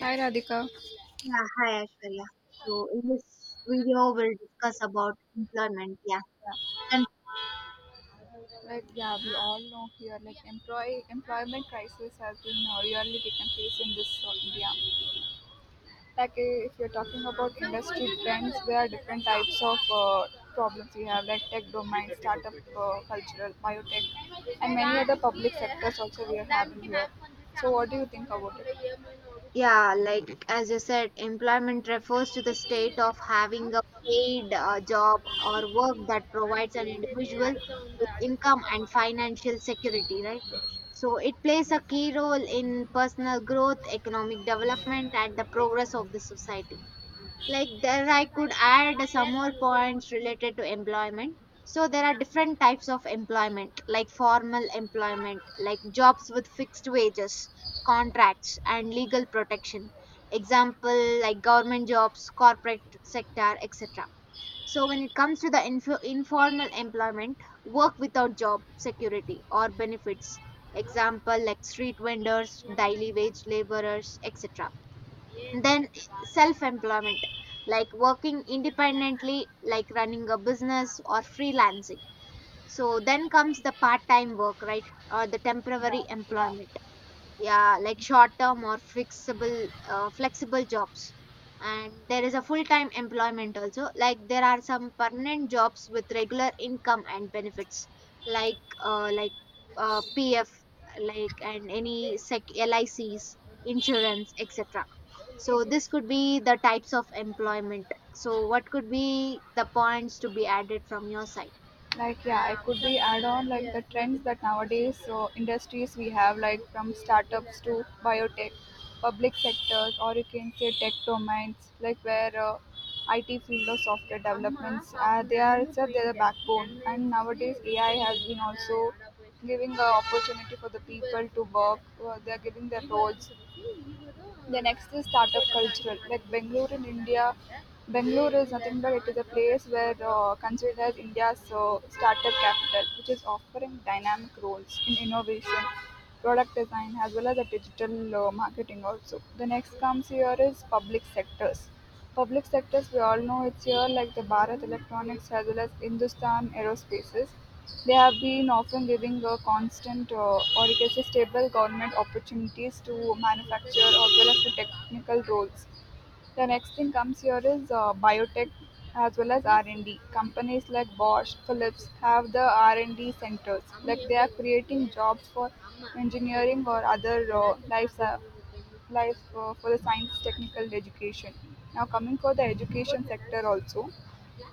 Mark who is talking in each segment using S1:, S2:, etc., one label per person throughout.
S1: Hi Radhika.
S2: Yeah, hi Ashwarya. So in this video, we'll discuss about employment. Yeah,
S1: Yeah.
S2: and
S1: We all know here like employee employment crisis has been really taken place in this India. If you're talking about industry trends, there are different types of problems we have like tech domain, startup cultural, biotech, and many other public sectors also we are having here. So what do you think about it?
S2: yeah, like as you said, employment refers to the state of having a paid job or work that provides an individual with income and financial security, right? So it plays a key role in personal growth, economic development, and the progress of the society. Like there I could add some more points related to employment. So there are different types of employment, like formal employment, like jobs with fixed wages, contracts and legal protection. Example like government jobs, corporate sector, etc. So when it comes to the informal employment, work without job security or benefits. Example like street vendors, daily wage laborers, etc. Then self employment, like working independently, like running a business or freelancing. So then comes the part time work, right, or the temporary
S1: Yeah,
S2: employment. Yeah, like short term or flexible jobs. And there is a full time employment also, like there are some permanent jobs with regular income and benefits, like pf, like and any sec lics, insurance, etc.
S1: yeah.
S2: So this could be the types of employment. So what could be the points to be added from your side?
S1: Like it could be add on like the trends that nowadays so industries we have like from startups to biotech public sectors, or you can say tech domains like where IT field or software developments. They are itself they are the backbone, and nowadays AI has been also giving the opportunity for the people to work. They are giving their roles. The next is startup culture, like Bangalore in India. Bangalore is nothing but it is a place where, considered as India's startup capital, which is offering dynamic roles in innovation, product design, as well as the digital marketing also. The next comes here is public sectors. Public sectors we all know it's here like the Bharat Electronics as well as Hindustan Aerospaces. They have been often giving a constant or you can say stable government opportunities to manufacture as well as the technical roles. The next thing comes here is biotech as well as R&D. Companies like Bosch, Philips have the R&D centers. Like they are creating jobs for engineering or other life for the science technical education. Now coming for the education sector also,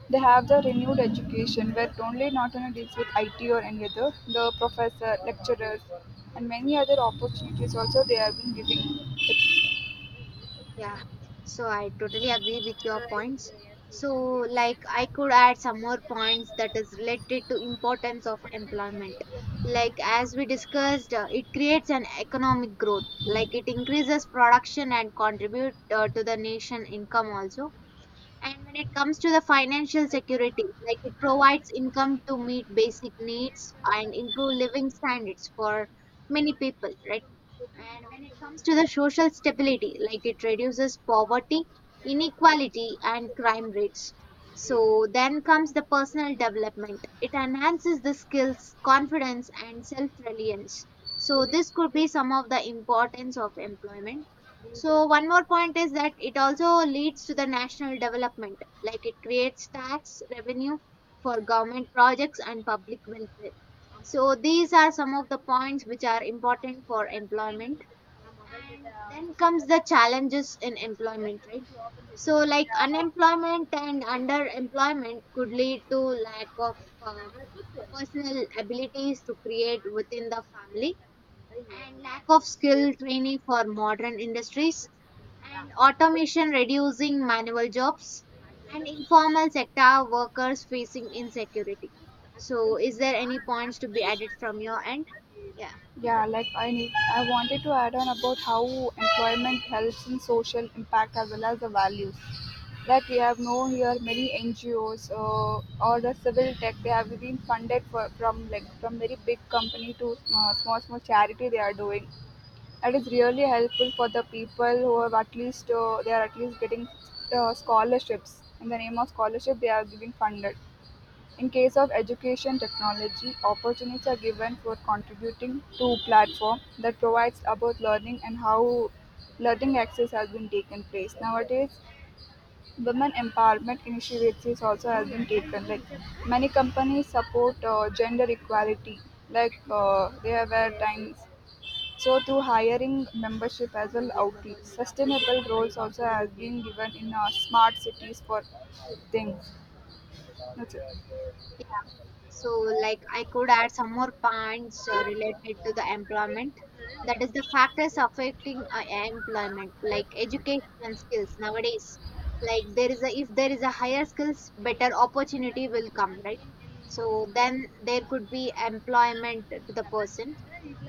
S1: they have the renewed education where only not only deals with IT or any other, the professor, lecturers, and many other opportunities also they have been giving the.
S2: Yeah, so I totally agree with your points. So, like, I could add some more points that is related to importance of employment. Like, as we discussed, it creates an economic growth. Like, it increases production and contribute to the nation income also. And when it comes to the financial security, like it provides income to meet basic needs and improve living standards for many people, right? And when it comes to the social stability, like it reduces poverty, inequality, and crime rates. So then comes the personal development. It enhances the skills, confidence, and self reliance. So this could be some of the importance of employment. So one more point is that it also leads to the national development, like it creates tax revenue for government projects and public welfare. So these are some of the points which are important for employment. And then comes the challenges in employment, right? So like unemployment and underemployment could lead to lack of uh, personal abilities to create within the family, and lack of skill training for modern industries, and automation reducing manual jobs, and informal sector workers facing insecurity. So is there any points to be added from your end? Yeah.
S1: Yeah, I wanted to add on about how employment helps in social impact as well as the values. Like we have known here many NGOs, or the civil tech, they have been funded for, from like from very big company to small small charity they are doing. That is really helpful for the people who have at least they are at least getting scholarships. In the name of scholarship, they are giving funded. In case of education technology, opportunities are given for contributing to platform that provides about learning, and how learning access has been taken place. Nowadays, women empowerment initiatives also has been taken. Like many companies support gender equality. They have at times so through hiring membership as well outreach, sustainable roles also has been given in our smart cities for things. That's it.
S2: So, like, I could add some more points related to the employment. That is the factors affecting employment, like education and skills nowadays. Like, there is a if there is a higher skills, better opportunity will come, right? So then there could be employment to the person.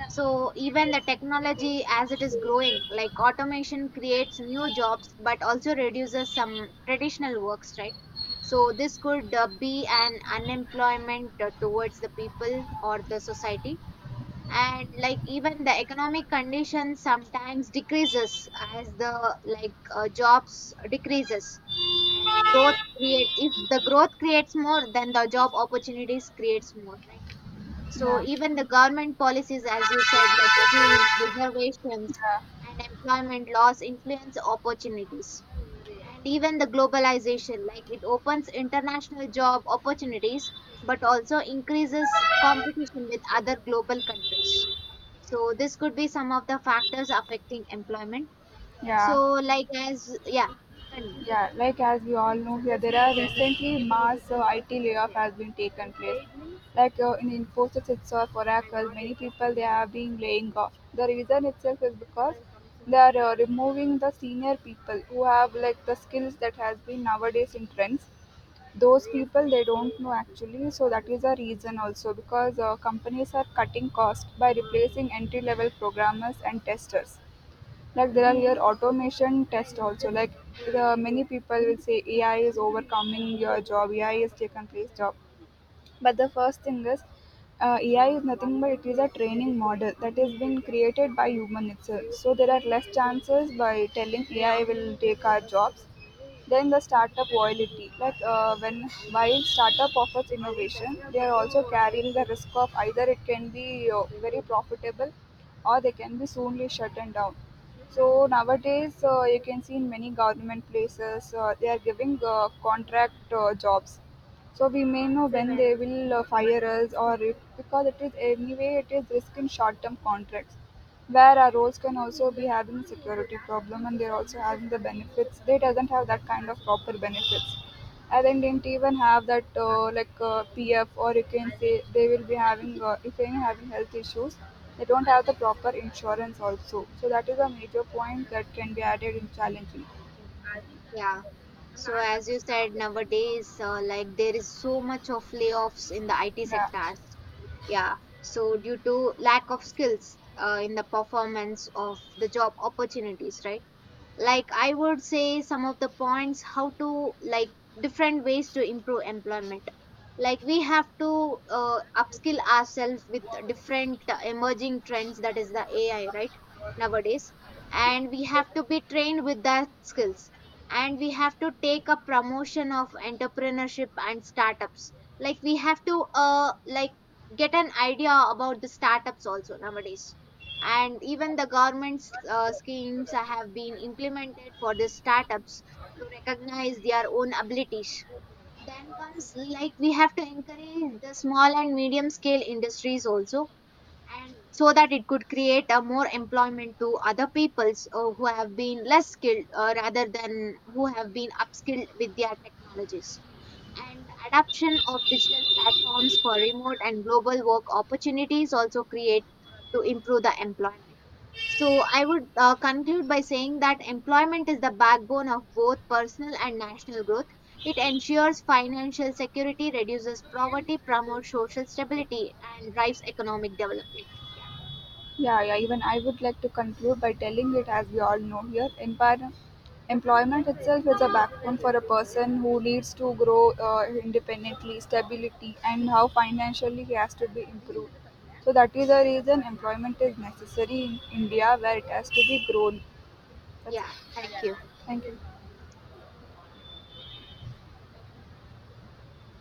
S2: So even the technology as it is growing, like automation creates new jobs, but also reduces some traditional works, right? So this could be an unemployment towards the people or the society. And like even the economic condition sometimes decreases as the like jobs decreases, and growth create if the growth creates more then the job opportunities creates more, right? So
S1: Yeah.
S2: even the government policies, as you said, like schemes, reservations,
S1: Yeah.
S2: and employment laws influence opportunities. And even the globalization, like it opens international job opportunities, but also increases competition with other global countries. So this could be some of the factors affecting employment. So
S1: Yeah.
S2: like as yeah, con-
S1: Yeah. Like as we all know here, there are recently mass IT layoff has been taken place. In Infosys itself, Oracle, many people they have been laying off. The reason itself is because they are removing the senior people who have like the skills that has been nowadays in trends. Those people they don't know actually, so that is a reason also because companies are cutting cost by replacing entry level programmers and testers. Like there are your automation test also, like the many people will say AI is overcoming your job, AI is taken place job. But the first thing is, AI is nothing but it is a training model that has been created by human itself. So there are less chances by telling AI will take our jobs. Then the startup loyalty, when while startup offers innovation, they are also carrying the risk of either it can be very profitable or they can be soonly shut and down. So nowadays, you can see in many government places, they are giving contract jobs, so we may know when they will fire us, or if because it is anyway it is risk in short-term contracts, where our roles can also be having security problem, and they're also having the benefits. They doesn't have that kind of proper benefits. And then didn't even have that PF, or you can say they will be having if they are having health issues, they don't have the proper insurance also. So that is a major point that can be added in challenging.
S2: yeah, So as you said, nowadays, like there is so much of layoffs in the IT
S1: Yeah.
S2: sectors. Yeah. So due to lack of skills in the performance of the job opportunities, right? Like I would say some of the points, how to like different ways to improve employment. Like we have to upskill ourselves with different emerging trends, that is the ai, right, nowadays, and we have to be trained with that skills, and we have to take a promotion of entrepreneurship and startups. Like we have to uh, like get an idea about the startups also nowadays. And even the government's schemes have been implemented for the startups to recognize their own abilities. Then comes, like we have to encourage the small and medium scale industries also, so that it could create a more employment to other peoples who have been less skilled rather than who have been upskilled with their technologies, and adoption of digital platforms for remote and global work opportunities also create to improve the employment. So I would conclude by saying that employment is the backbone of both personal and national growth. It ensures financial security, reduces poverty, promotes social stability, and drives economic development. Yeah.
S1: Yeah, yeah. Even I would like to conclude by telling it, as we all know here, empire, employment itself is a backbone for a person who needs to grow independently, stability, and how financially he has to be improved. So that is the reason employment is necessary in India, where it has to be grown. That's it.
S2: Yeah. Thank you.
S1: Thank you.